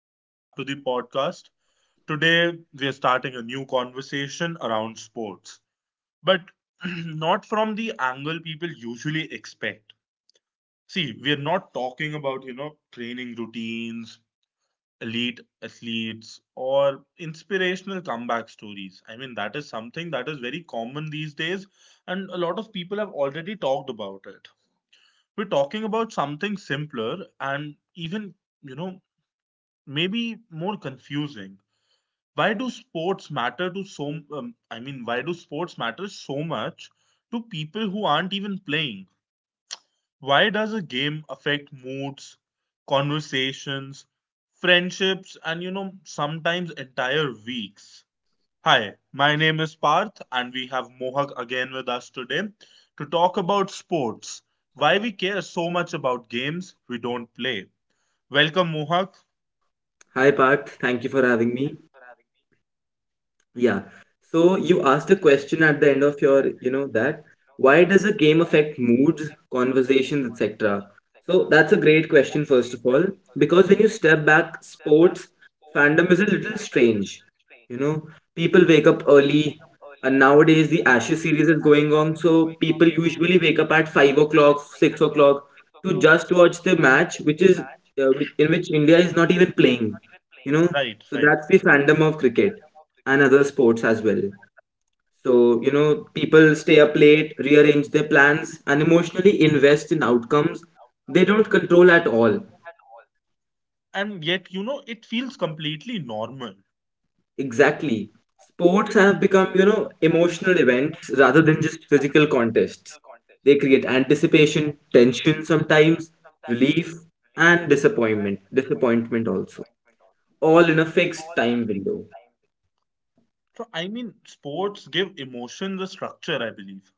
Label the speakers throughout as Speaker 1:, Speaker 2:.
Speaker 1: Welcome back to the podcast. Today, we are starting a new conversation around sports, but not from the angle people usually expect. See, we are not talking about, training routines, elite athletes, or inspirational comeback stories. I mean, that is something that is very common these days, and a lot of people have already talked about it. We're talking about something simpler and even you know maybe more confusing. Why do sports matter to so? I mean, why do sports matter so much to people who aren't even playing? Why does a game affect moods, conversations, friendships, and sometimes entire weeks? Hi, my name is Parth, and we have Mohak again with us today to talk about sports. Why we care so much about games we don't play. Welcome, Mohak.
Speaker 2: Hi Parth, thank you for having me. Yeah. So you asked a question at the end of your, you know, that why does a game affect moods, conversations, etc.? So that's a great question, first of all, because when you step back, sports fandom is a little strange. You know, people wake up early, and nowadays the Ashes series is going on, so people usually wake up at 5 o'clock, 6 o'clock to just watch the match, which is in which India is not even playing. You know,
Speaker 1: Right,
Speaker 2: so
Speaker 1: right.
Speaker 2: that's the fandom of cricket and other sports as well. So, you know, people stay up late, rearrange their plans, and emotionally invest in outcomes they don't control at all.
Speaker 1: And yet, it feels completely normal.
Speaker 2: Exactly. Sports have become, you know, emotional events rather than just physical contests. They create anticipation, tension sometimes, relief, and disappointment. Disappointment also. All in a fixed time window.
Speaker 1: So, I mean, sports give emotion the structure, I believe.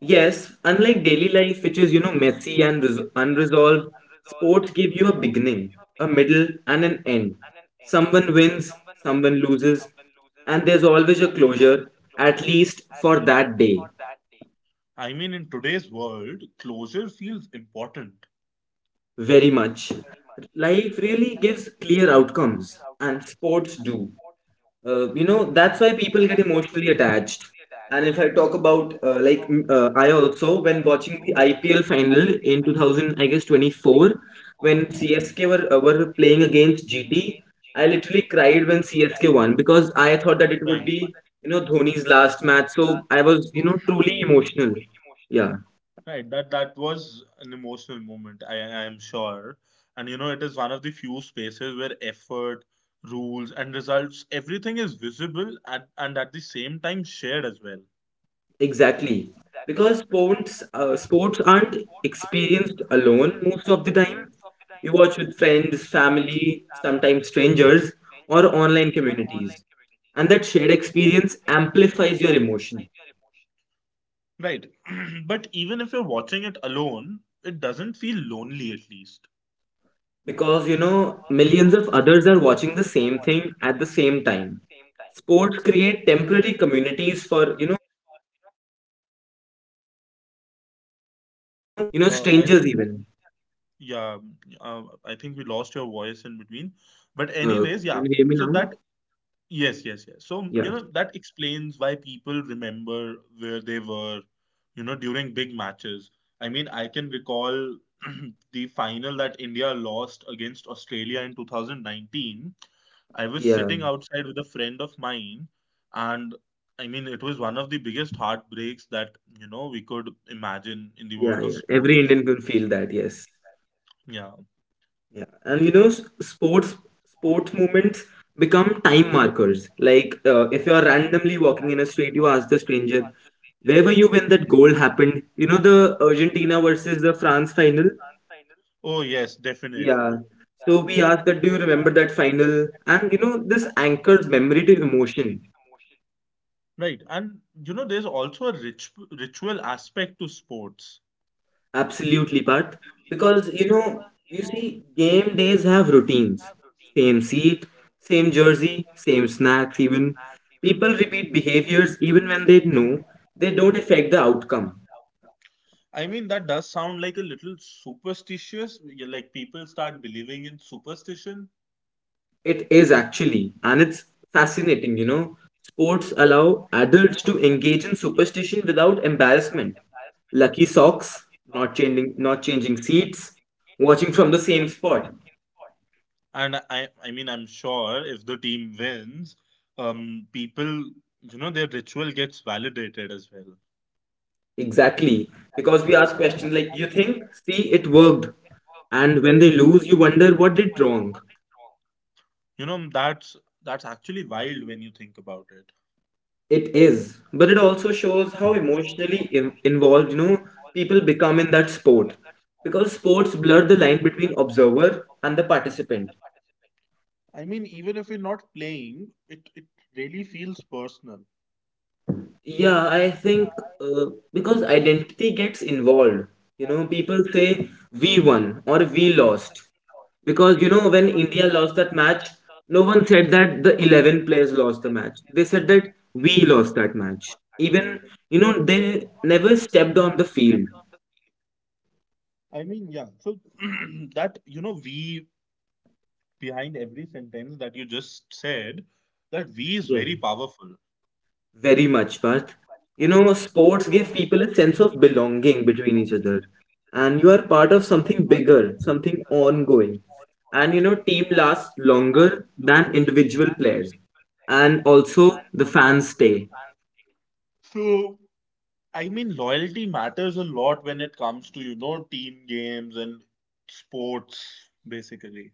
Speaker 2: Yes, unlike daily life, which is, you know, messy and unresolved, sports give you a beginning, a middle, and an end. Someone wins, someone loses, and there's always a closure, at least for that day.
Speaker 1: I mean, in today's world, closure feels important.
Speaker 2: Very much. Life really gives clear outcomes, and sports do. You know, that's why people get emotionally attached. And if I talk about I also when watching the IPL final in 2000, I guess 24, when CSK were were playing against GT, I literally cried when CSK won because I thought that it would
Speaker 1: Right,
Speaker 2: be you know Dhoni's last match. So I was you know truly emotional. Yeah.
Speaker 1: right. That was an emotional moment, I am sure. And it is one of the few spaces where effort rules and results, everything is visible at, and at the same time shared as well.
Speaker 2: Exactly. Because sports aren't experienced alone most of the time. You watch with friends, family, sometimes strangers, or online communities. And that shared experience amplifies your emotion
Speaker 1: Right. But even if you're watching it alone, it doesn't feel lonely, at least.
Speaker 2: because, you know, millions of others are watching the same thing at the same time. Sports create temporary communities for, you know, like if you're watching cricket match, it creates a temporary communities between, you know,
Speaker 1: I
Speaker 2: strangers
Speaker 1: think
Speaker 2: even.
Speaker 1: yeah, I think we lost your voice in between. But
Speaker 2: Uh,
Speaker 1: anyways, yeah.
Speaker 2: can you hear me
Speaker 1: So
Speaker 2: now?
Speaker 1: that yes, yes, yes. So
Speaker 2: Yeah.
Speaker 1: that explains why people remember where they were, during big matches. I mean, I can recall the final that India lost against Australia in 2019. I was
Speaker 2: Yeah,
Speaker 1: sitting outside with a friend of mine, and I mean, it was one of the biggest heartbreaks that, we could imagine in the
Speaker 2: yeah,
Speaker 1: world of
Speaker 2: yeah. Every
Speaker 1: sports.
Speaker 2: Indian can feel that, yes.
Speaker 1: Yeah.
Speaker 2: Yeah. And you know, sports moments become time markers. Like if you're randomly walking in a street, you ask the stranger, where were you when that goal happened? You know, the Argentina versus the France final?
Speaker 1: Oh, yes,
Speaker 2: Yeah.
Speaker 1: definitely.
Speaker 2: So we ask that, do you remember that final? And you know, this anchors memory to emotion.
Speaker 1: Right. And there's also a rich, ritual aspect to sports.
Speaker 2: Absolutely, Parth. Because you know, you see, game days have routines. Same seat, same jersey, same snacks, even. People repeat behaviors even when they know they don't affect the outcome.
Speaker 1: I mean, that does sound like a little superstitious. Like people start believing in superstition.
Speaker 2: It is actually, and it's fascinating, you know. Sports allow adults to engage in superstition without embarrassment. Lucky socks, not changing seats, watching from the same spot.
Speaker 1: And I mean, I'm sure if the team wins, people, their ritual gets validated as well.
Speaker 2: Exactly. Because we ask questions like, you think, see, it worked. And when they lose, you wonder what did wrong.
Speaker 1: You know, that's that's actually wild when you think about it.
Speaker 2: It is. But it also shows how emotionally involved, you know, people become in that sport. Because sports blur the line between observer and the participant.
Speaker 1: I mean, even if you're not playing, it really feels personal.
Speaker 2: Yeah, I think uh, because identity gets involved. You know, people say we won or we lost. Because, you know, when India lost that match, no one said that the 11 players lost the match. They said that we lost that match. Even, you know, they never stepped on the field.
Speaker 1: I mean, yeah. So that we behind every sentence that you just said, that V is
Speaker 2: Yeah.
Speaker 1: very powerful.
Speaker 2: Very much, Parth. You know, sports give people a sense of belonging between each other, and you are part of something bigger, something ongoing. And you know, team lasts longer than individual players, and also the fans stay.
Speaker 1: So, I mean, loyalty matters a lot when it comes to, team games and sports, basically.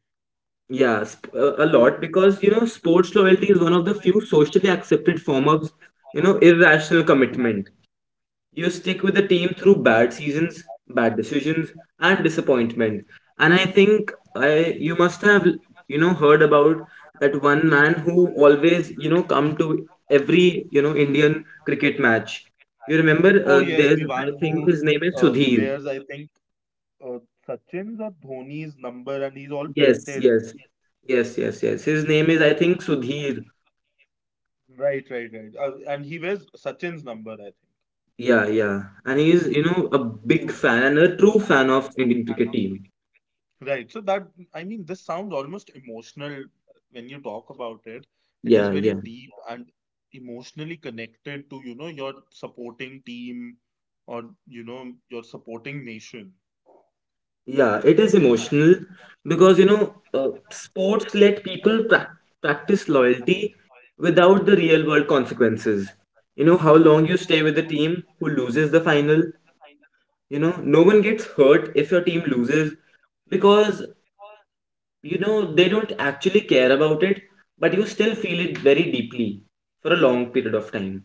Speaker 2: A lot because you know, sports loyalty is one of the few socially accepted form of you know irrational commitment. You stick with the team through bad seasons, bad decisions, and disappointment. And I think I you must have you know heard about that one man who always you know come to every you know Indian cricket match. You remember
Speaker 1: Oh, yes, the
Speaker 2: there's I
Speaker 1: one
Speaker 2: think
Speaker 1: who
Speaker 2: his name is Sudhir.
Speaker 1: wears, I think, uh, Sachin's or Dhoni's number, and he's all
Speaker 2: Yes,
Speaker 1: painted.
Speaker 2: yes, yes, yes. His name is I think Sudhir.
Speaker 1: Right, right, right. And he wears Sachin's number, I think.
Speaker 2: Yeah, yeah. And he's you know a big fan and a true fan of Indian cricket team.
Speaker 1: Right. So that, I mean, this sounds almost emotional when you talk about it. It is
Speaker 2: Yeah,
Speaker 1: very
Speaker 2: yeah.
Speaker 1: deep and emotionally connected to, your supporting team, or, your supporting nation.
Speaker 2: Yeah, it is emotional because you know sports let people practice loyalty without the real world consequences. You know how long you stay with the team who loses the final. You know no one gets hurt if your team loses because you know they don't actually care about it, but you still feel it very deeply for a long period of time.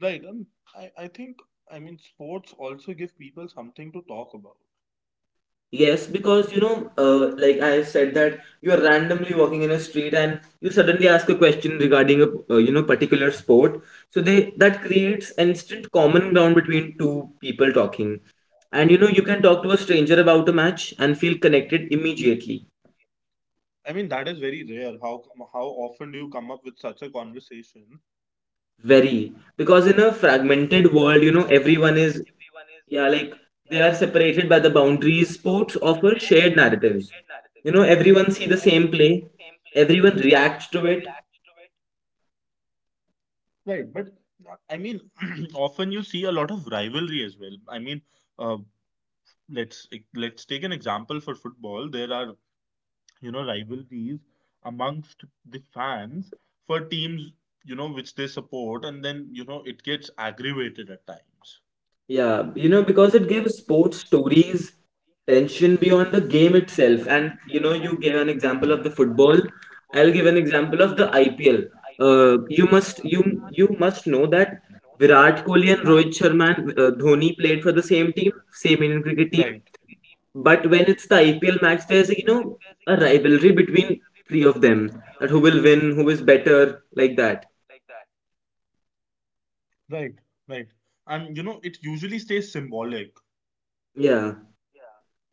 Speaker 1: Right. And I think, I mean, sports also give people something to talk about.
Speaker 2: Yes, because like I said that you are randomly walking in a street and you suddenly ask a question regarding a you know particular sport. So they that creates an instant common ground between two people talking, and you know you can talk to a stranger about a match and feel connected immediately.
Speaker 1: I mean, that is very rare. How often do you come up with such a conversation?
Speaker 2: Very because in a fragmented world, you know everyone is yeah like they are separated by the boundaries sports offer shared narratives. You know everyone see the same play, everyone reacts to it.
Speaker 1: Right. But I mean, often you see a lot of rivalry as well. I mean, uh. let's let's take an example for football. There are rivalries amongst the fans for teams which they support, and then it gets aggravated at times.
Speaker 2: Yeah, you know, because it gives sports stories tension beyond the game itself. And you know, you gave an example of the football. I'll give an example of the IPL. You must you must know that Virat Kohli and Rohit Sharma and Dhoni played for the same team, same Indian cricket team.
Speaker 1: Right,
Speaker 2: But when it's the IPL match, there's you know a rivalry between three of them that who will win, who is better, like that.
Speaker 1: right, right, and it usually stays symbolic.
Speaker 2: Yeah.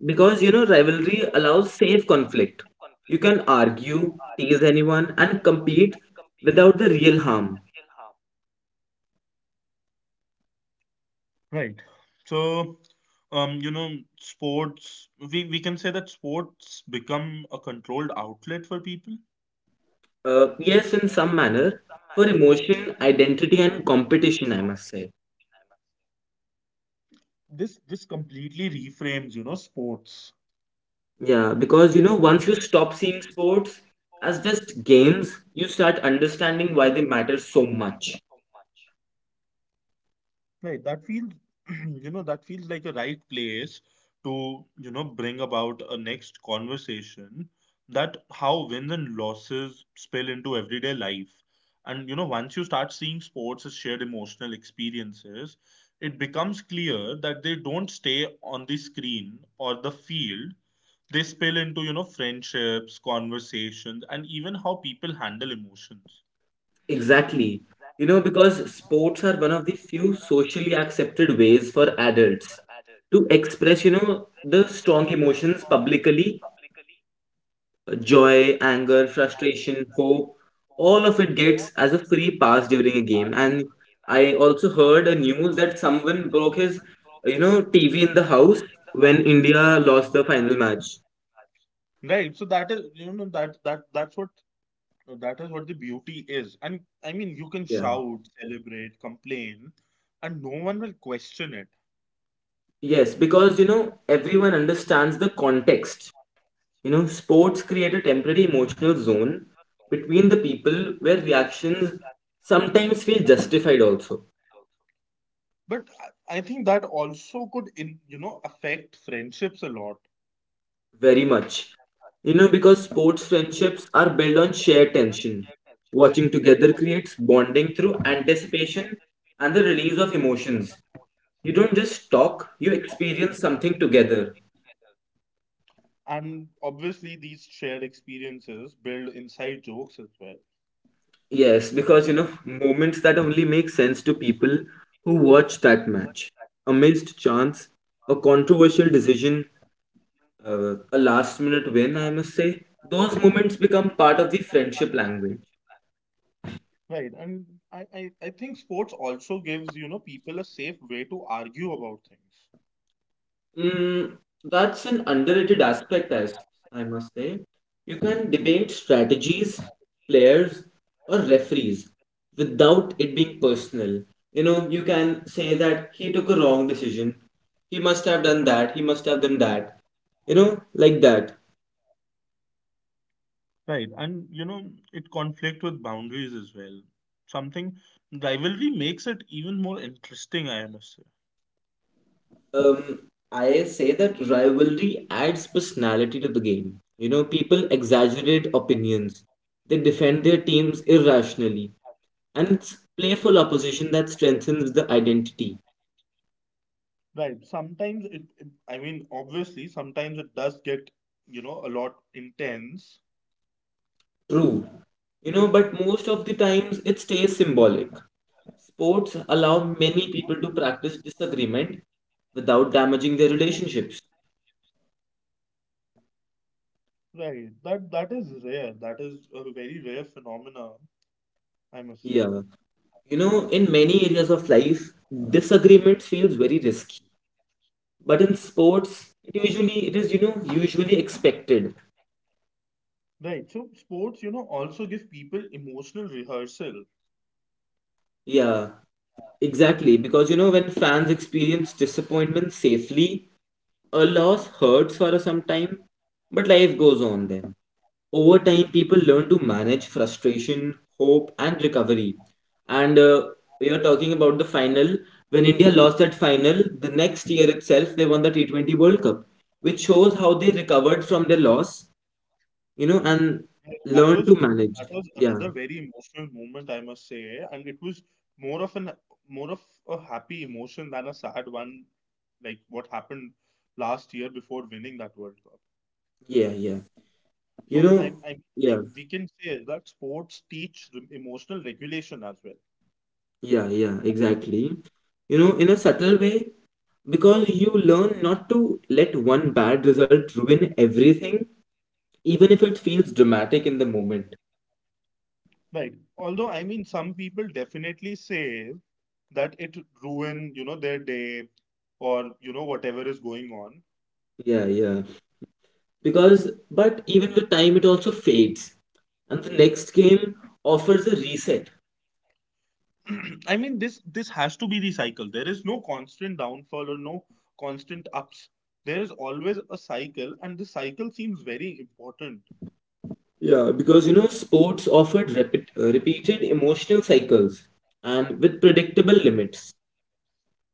Speaker 2: Because you know rivalry allows safe conflict, you can argue, tease anyone and compete without the real harm.
Speaker 1: Right. So um you know sports, we can say that sports become a controlled outlet for people.
Speaker 2: Yes, in some manner, for emotion, identity and competition, I must say.
Speaker 1: This completely reframes sports.
Speaker 2: Yeah, because you know once you stop seeing sports as just games you start understanding why they matter so much.
Speaker 1: Right, that feels, that feels like a right place to, bring about a next conversation, that how wins and losses spill into everyday life. And, once you start seeing sports as shared emotional experiences, it becomes clear that they don't stay on the screen or the field. They spill into, friendships, conversations, and even how people handle emotions.
Speaker 2: Exactly, you know, because sports are one of the few socially accepted ways for adults to express you know the strong emotions publicly, joy, anger, frustration, hope, all of it gets as a free pass during a game. And I also heard a news that someone broke his, you know, TV in the house when India lost the final match.
Speaker 1: Right, so that is, that's what. No, that is what the beauty is. And I mean, you can
Speaker 2: Yeah.
Speaker 1: shout, celebrate, complain, and no one will question it.
Speaker 2: Yes, because you know everyone understands the context. You know, sports create a temporary emotional zone between the people where reactions sometimes feel justified also.
Speaker 1: But I think that also could, affect friendships a lot.
Speaker 2: Very much. You know, because sports friendships are built on shared tension. Watching together creates bonding through anticipation and the release of emotions. You don't just talk, you experience something together.
Speaker 1: And obviously, these shared experiences build inside jokes as well.
Speaker 2: Yes, because you know, moments that only make sense to people who watch that match. A missed chance, a controversial decision, a last minute win, I must say. Those moments become part of the friendship language.
Speaker 1: Right. And I think sports also gives, people a safe way to argue about things.
Speaker 2: Mm, that's an underrated aspect, as I must say. You can debate strategies, players, or referees without it being personal. You know, you can say that he took a wrong decision. He must have done that. He must have done that. You know, like that.
Speaker 1: Right. And, it conflict with boundaries as well. Something rivalry makes it even more interesting, I must say.
Speaker 2: Um, I say that rivalry adds personality to the game. You know, people exaggerate opinions. They defend their teams irrationally and it's playful opposition that strengthens the identity.
Speaker 1: Right. Sometimes I mean, obviously, sometimes it does get, a lot intense.
Speaker 2: True. You know, but most of the times it stays symbolic. Sports allow many people to practice disagreement without damaging their relationships.
Speaker 1: Right. That is rare. That is a very rare phenomena, I must say.
Speaker 2: Yeah. You know, in many areas of life, disagreements feels very risky. But in sports, it usually it is, you know, usually expected.
Speaker 1: Right. So sports, also give people emotional rehearsal.
Speaker 2: Yeah, exactly. Because you know, when fans experience disappointment safely, a loss hurts for some time, but life goes on then. Over time, people learn to manage frustration, hope, and recovery. And we are talking about the final. When India lost that final, the next year itself, they won the T20 World Cup, which shows how they recovered from their loss, you know, and
Speaker 1: Right. That
Speaker 2: learned
Speaker 1: was
Speaker 2: to manage.
Speaker 1: that was
Speaker 2: Yeah,
Speaker 1: another very emotional moment, I must say, and it was more of an more of a happy emotion than a sad one, like what happened last year before winning that World Cup.
Speaker 2: yeah, yeah. You
Speaker 1: So
Speaker 2: know, yeah,
Speaker 1: we can say that sports teach emotional regulation as well,
Speaker 2: yeah, exactly. You know, in a subtle way, because you learn not to let one bad result ruin everything, even if it feels dramatic in the moment.
Speaker 1: right? Although I mean, some people definitely say that it ruin, their day, or whatever is going
Speaker 2: Yeah, yeah. Because, but even with time, it also fades. And the next game offers a reset.
Speaker 1: on. I mean, this has to be the cycle. There is no constant downfall or no constant ups. There is always a cycle, and the cycle seems very important,
Speaker 2: Yeah, because you know, sports offered repeated emotional cycles and with predictable limits.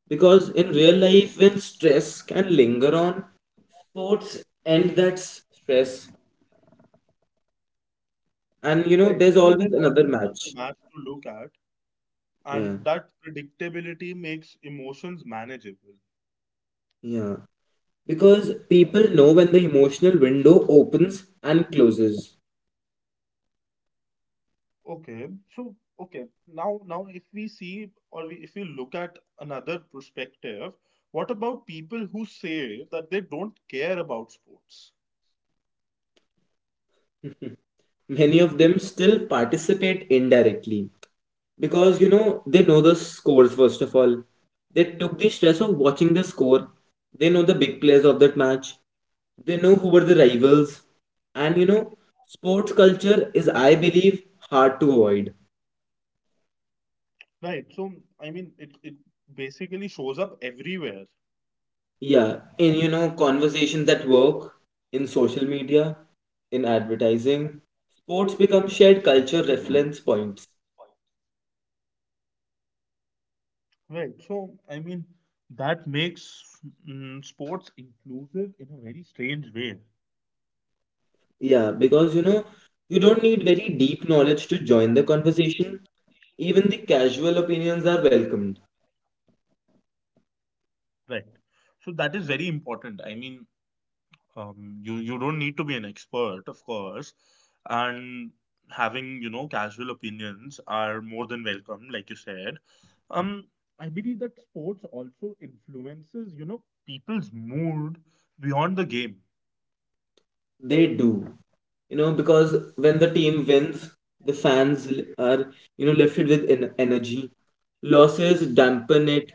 Speaker 2: Because in real life, when stress can linger on, sports end that stress, and you know,
Speaker 1: right?
Speaker 2: there's
Speaker 1: I mean,
Speaker 2: always
Speaker 1: there's
Speaker 2: another
Speaker 1: always another
Speaker 2: match.
Speaker 1: match to look at,
Speaker 2: Yeah,
Speaker 1: and that predictability makes emotions manageable.
Speaker 2: yeah. Because people know when the emotional window opens and closes.
Speaker 1: Okay, okay, now if we see, or if we look at another perspective, what about people who say that they don't care about sports?
Speaker 2: Many of them still participate indirectly because you know they know the scores first of all. They took the stress of watching the score. They know the big players of that match. They know who were the rivals. And you know, sports culture is, I believe, hard to avoid.
Speaker 1: Right. So I mean, it basically shows up everywhere.
Speaker 2: Yeah, in you know, conversations at work, in social media, in advertising, sports become shared culture reference points.
Speaker 1: Right. So I mean, that makes sports inclusive in a very strange way.
Speaker 2: Yeah, because you know, you don't need very deep knowledge to join the conversation. Even the casual opinions are welcomed.
Speaker 1: Right. So that is very important. I mean, you don't need to be an expert, of course, and having casual opinions are more than welcome, like you said. Um, I believe that sports also influences people's mood beyond the game.
Speaker 2: They do. You know, because when the team wins, the fans are, you know, lifted with en energy. Losses dampen it,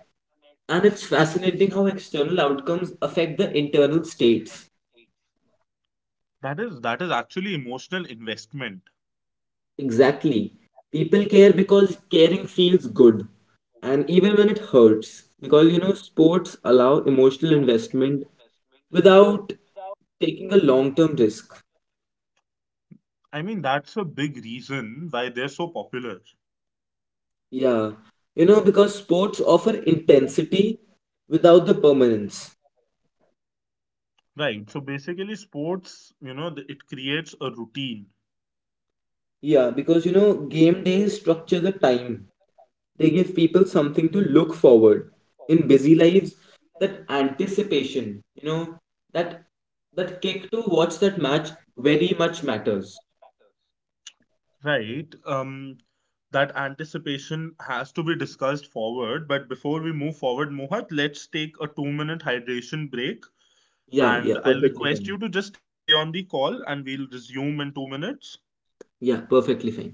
Speaker 2: and it's fascinating how external outcomes affect the internal states.
Speaker 1: That is actually emotional investment.
Speaker 2: Exactly. People care because caring feels good. And even when it hurts, because you know, sports allow emotional investment without taking a long term risk.
Speaker 1: I mean, that's a big reason why they're so popular,
Speaker 2: Yeah. You know, because sports offer intensity without the permanence.
Speaker 1: right? So basically, sports, it creates a routine,
Speaker 2: Yeah, because you know, game days structure the time. They give people something to look forward in busy lives. That anticipation, you know, that that kick to watch that match very much matters.
Speaker 1: right? That anticipation has to be discussed forward. But before we move forward, Mohat, let's take a 2-minute hydration break.
Speaker 2: Yeah,
Speaker 1: And
Speaker 2: yeah,
Speaker 1: I'll
Speaker 2: perfectly
Speaker 1: request
Speaker 2: fine.
Speaker 1: you to just stay on the call and we'll resume in 2 minutes.
Speaker 2: Yeah, perfectly fine.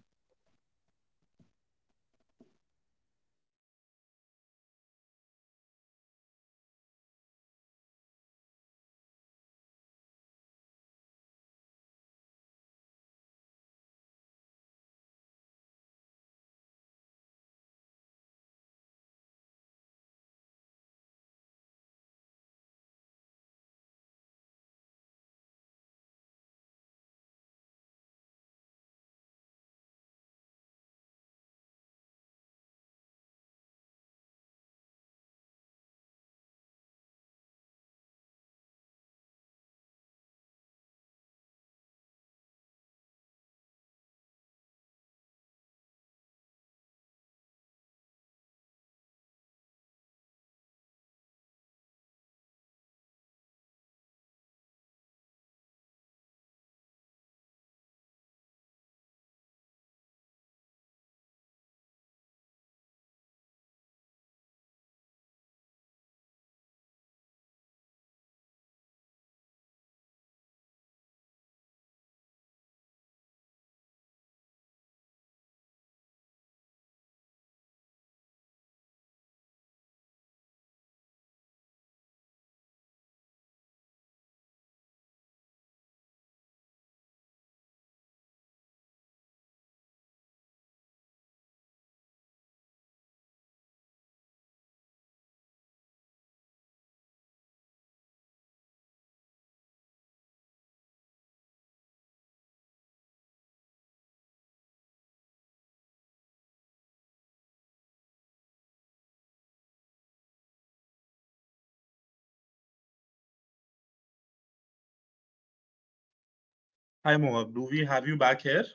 Speaker 1: Hi, Mohat. Do we have you back here?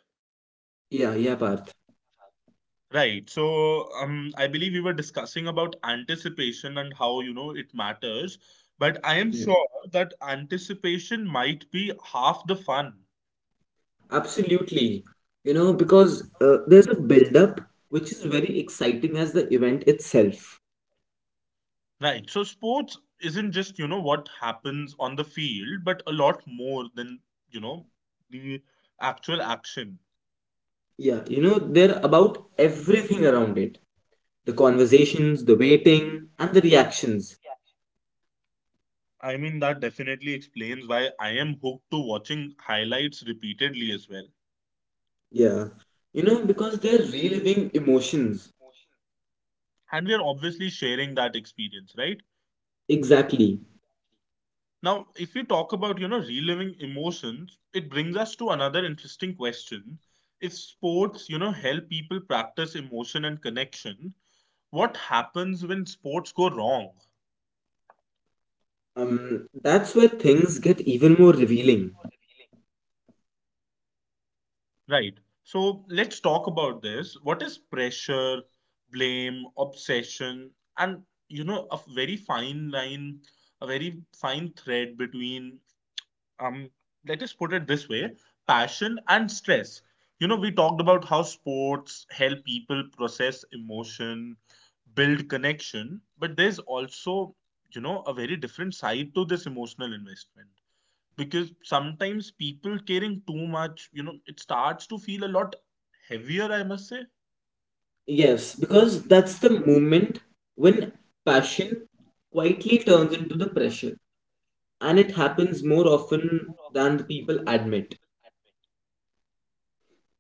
Speaker 2: Yeah, yeah, Parth.
Speaker 1: Right. So, I believe we were discussing about anticipation and how, it matters. But I am
Speaker 2: Mm.
Speaker 1: sure that anticipation might be half the fun.
Speaker 2: Absolutely. You know, because there's a build up which is very exciting as the event itself.
Speaker 1: Right. So sports isn't just, what happens on the field, but a lot more than, you know, the actual action.
Speaker 2: Yeah. You know, they're about everything around it: the conversations, the waiting, and the reactions.
Speaker 1: I mean, that definitely explains why I am hooked to watching highlights repeatedly as well.
Speaker 2: Yeah, you know, because they're reliving emotions.
Speaker 1: And we are obviously sharing that experience, right?
Speaker 2: Exactly.
Speaker 1: Now, if we talk about, reliving emotions, it brings us to another interesting question. If sports, help people practice emotion and connection, what happens when sports go wrong?
Speaker 2: That's where things get even more revealing.
Speaker 1: Right. So let's talk about this. What is pressure, blame, obsession, and a very fine line, a very fine thread between um let us put it this way, passion and stress. We talked about how sports help people process emotion, build connection, but there's also, a very different side to this emotional investment, because sometimes people caring too much, it starts to feel a lot heavier, I must say.
Speaker 2: Yes, because that's the moment when passion quietly turns into the pressure, and it happens more often than the people admit.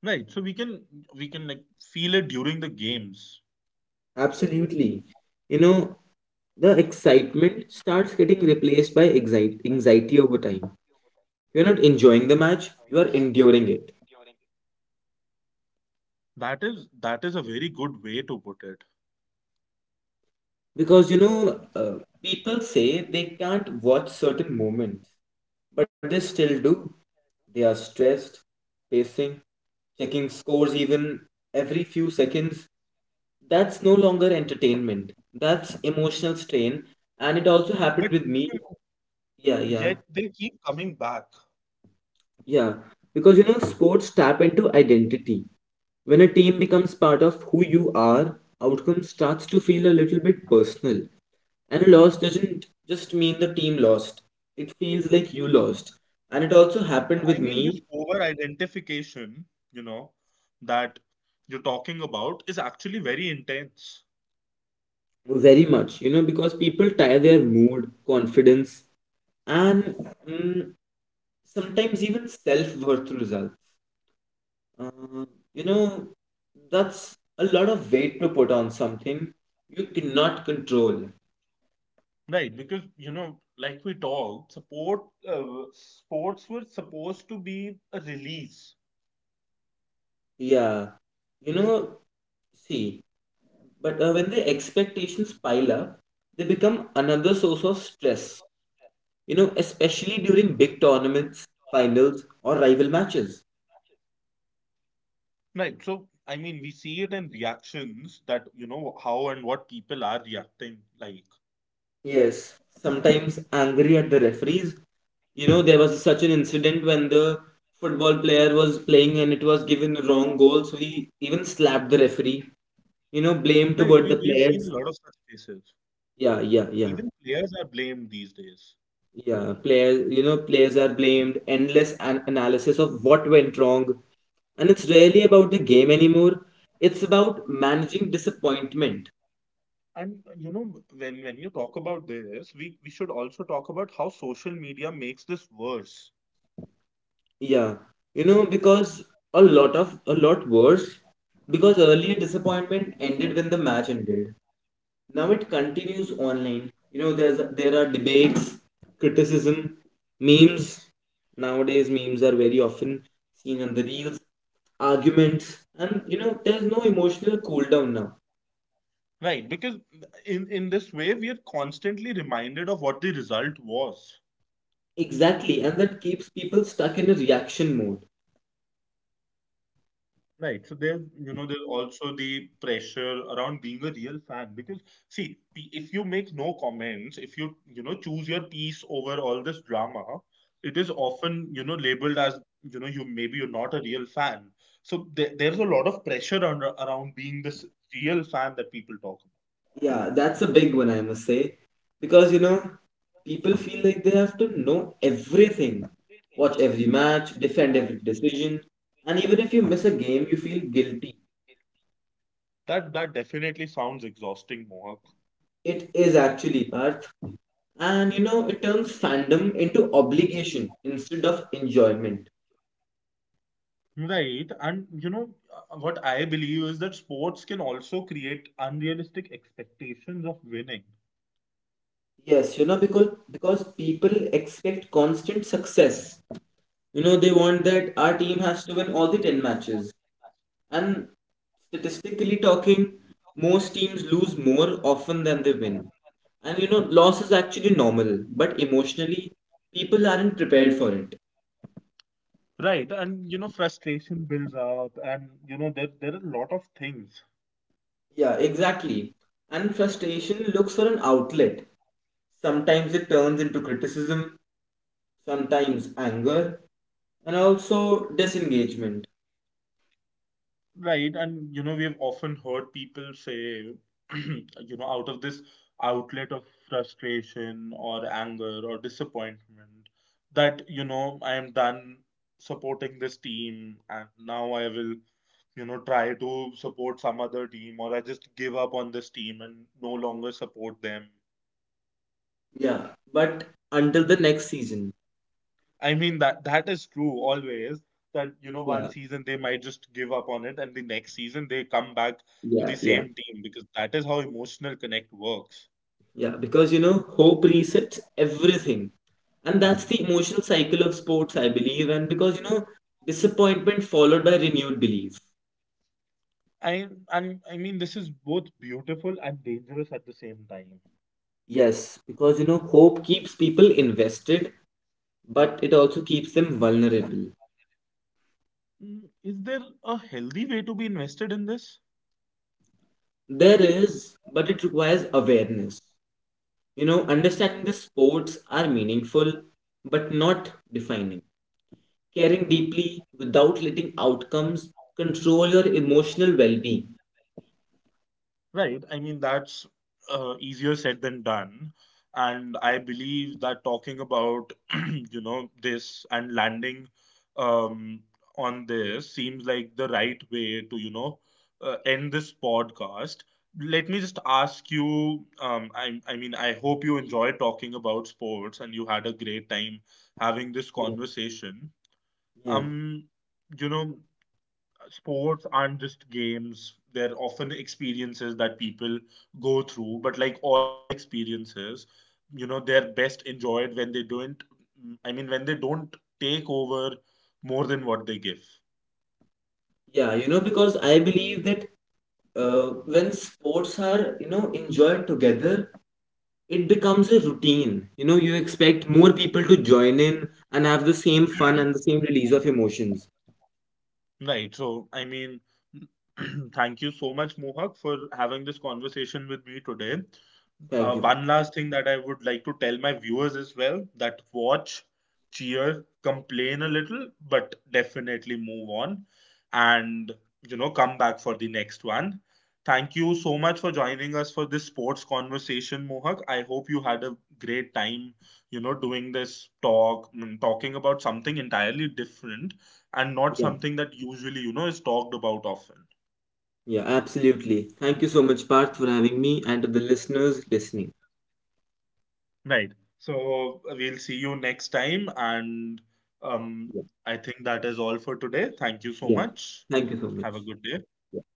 Speaker 1: Right, so we can like feel it during the games.
Speaker 2: Absolutely. You know, the excitement starts getting replaced by anxiety over time. You're not enjoying the match, you are enduring it.
Speaker 1: That is that is a very good way to put it.
Speaker 2: Because you know, people say they can't watch certain moments, but they still do. They are stressed, pacing, checking scores even every few seconds. That's no longer entertainment, that's emotional strain, and it also happened
Speaker 1: But
Speaker 2: with me.
Speaker 1: you know,
Speaker 2: Yeah, yeah,
Speaker 1: yet they keep coming back.
Speaker 2: yeah, because you know, sports tap into identity. When a team becomes part of who you are, outcome starts to feel a little bit personal. And a loss doesn't just mean the team lost. It feels like you lost. And it also happened with
Speaker 1: I mean,
Speaker 2: me.
Speaker 1: this over identification, you know that you're talking about, is actually very intense.
Speaker 2: Very much, you know, because people tie their mood, confidence, and mm, sometimes even self worth to results. Uh, you know, that's a lot of weight to put on something you cannot control.
Speaker 1: Right, because like we talked, support sports were supposed to be a release.
Speaker 2: Yeah. You know, see, but when the expectations pile up, they become another source of stress, you know, especially during big tournaments, finals, or rival matches.
Speaker 1: Right. So, I mean, we see it in reactions, that, how and what people are reacting like.
Speaker 2: Yes. Sometimes angry at the referees. You know, there was such an incident when the football player was playing and it was given the wrong goal, so he even slapped the referee. You know, blame
Speaker 1: Right.
Speaker 2: toward the
Speaker 1: We've seen a
Speaker 2: players.
Speaker 1: lot of such cases.
Speaker 2: Yeah, yeah, yeah,
Speaker 1: Even players are blamed these days.
Speaker 2: yeah. Players, you know, players are blamed. Endless analysis of what went wrong, and it's rarely about the game anymore. It's about managing disappointment.
Speaker 1: And, when, you talk about this, we should also talk about how social media makes this worse.
Speaker 2: Yeah, you know, because a lot worse, because earlier disappointment ended when the match ended. Now it continues online. You know, there are debates, criticism, memes. Nowadays, memes are very often seen on the reels, arguments, and you know, there's no emotional cool down now.
Speaker 1: Right. Because in this way, we are constantly reminded of what the result was.
Speaker 2: Exactly, and that keeps people stuck in a reaction mode.
Speaker 1: Right. So there's, there's also the pressure around being a real fan, because see, if you make no comments, if you, choose your piece over all this drama, it is often, labeled as, you maybe you're not a real fan. So there's a lot of pressure around being this real fan that people talk about.
Speaker 2: Yeah, that's a big one, I must say. Because, you know, people feel like they have to know everything, watch every match, defend every decision, and even if you miss a game, you feel guilty.
Speaker 1: That definitely sounds exhausting, Mohak.
Speaker 2: It is actually, Parth. And, you know, it turns fandom into obligation instead of enjoyment.
Speaker 1: Right. And what I believe is that sports can also create unrealistic expectations of winning.
Speaker 2: Yes, you know, because people expect constant success. You know, they want that our team has to win all the 10 matches. And statistically talking, most teams lose more often than they win. And you know, loss is actually normal, but emotionally, people aren't prepared for it.
Speaker 1: Right, and frustration builds up, and there are a lot of things,
Speaker 2: Yeah, exactly. And frustration looks for an outlet. Sometimes it turns into criticism, sometimes anger, and also disengagement.
Speaker 1: right? And we've often heard people say, out of this outlet of frustration or anger or disappointment, that I am done supporting this team, and now I will, try to support some other team, or I just give up on this team and no longer support them.
Speaker 2: Yeah, but until the next season.
Speaker 1: I mean, that is true always, that one
Speaker 2: Yeah,
Speaker 1: season they might just give up on it and the next season they come back to
Speaker 2: yeah,
Speaker 1: the
Speaker 2: yeah.
Speaker 1: same team, because that is how emotional connect works.
Speaker 2: Yeah, because you know, hope resets everything. And that's the emotional cycle of sports, I believe. And because you know, disappointment followed by renewed belief.
Speaker 1: I mean, this is both beautiful and dangerous at the same time.
Speaker 2: Yes, because you know, hope keeps people invested, but it also keeps them vulnerable.
Speaker 1: Is there a healthy way to be invested in this?
Speaker 2: There is, but it requires awareness. You know, understanding the sports are meaningful, but not defining. Caring deeply without letting outcomes control your emotional well being.
Speaker 1: Right. I mean, that's easier said than done. And I believe that talking about, this, and landing um, on this, seems like the right way to, end this podcast. Let me just ask you, I mean, I hope you enjoy talking about sports and you had a great time having this conversation.
Speaker 2: Yeah.
Speaker 1: Um, you know, sports aren't just games, they're often experiences that people go through, but like all experiences, they're best enjoyed when they don't take over more than what they give.
Speaker 2: Yeah, you know, because I believe that when sports are, you know, enjoyed together, it becomes a routine. You know, you expect more people to join in and have the same fun and the same release of emotions.
Speaker 1: Right, so I mean, thank you so much, Mohak, for having this conversation with me today.
Speaker 2: Thank
Speaker 1: uh,
Speaker 2: you, Parth.
Speaker 1: one last thing that I would like to tell my viewers as well, that watch, cheer, complain a little, but definitely move on, and come back for the next one. Thank you so much for joining us for this sports conversation, Mohak. I hope you had a great time, doing this talk, talking about something entirely different and not
Speaker 2: Yeah,
Speaker 1: something that usually, is talked about often.
Speaker 2: yeah, absolutely. Thank you so much, Parth, for having me and to the listeners listening.
Speaker 1: Right. So we'll see you next time. And um,
Speaker 2: Yeah,
Speaker 1: I think that is all for today. Thank you so
Speaker 2: yeah.
Speaker 1: much.
Speaker 2: Thank you so much.
Speaker 1: Have a good day.
Speaker 2: Yeah.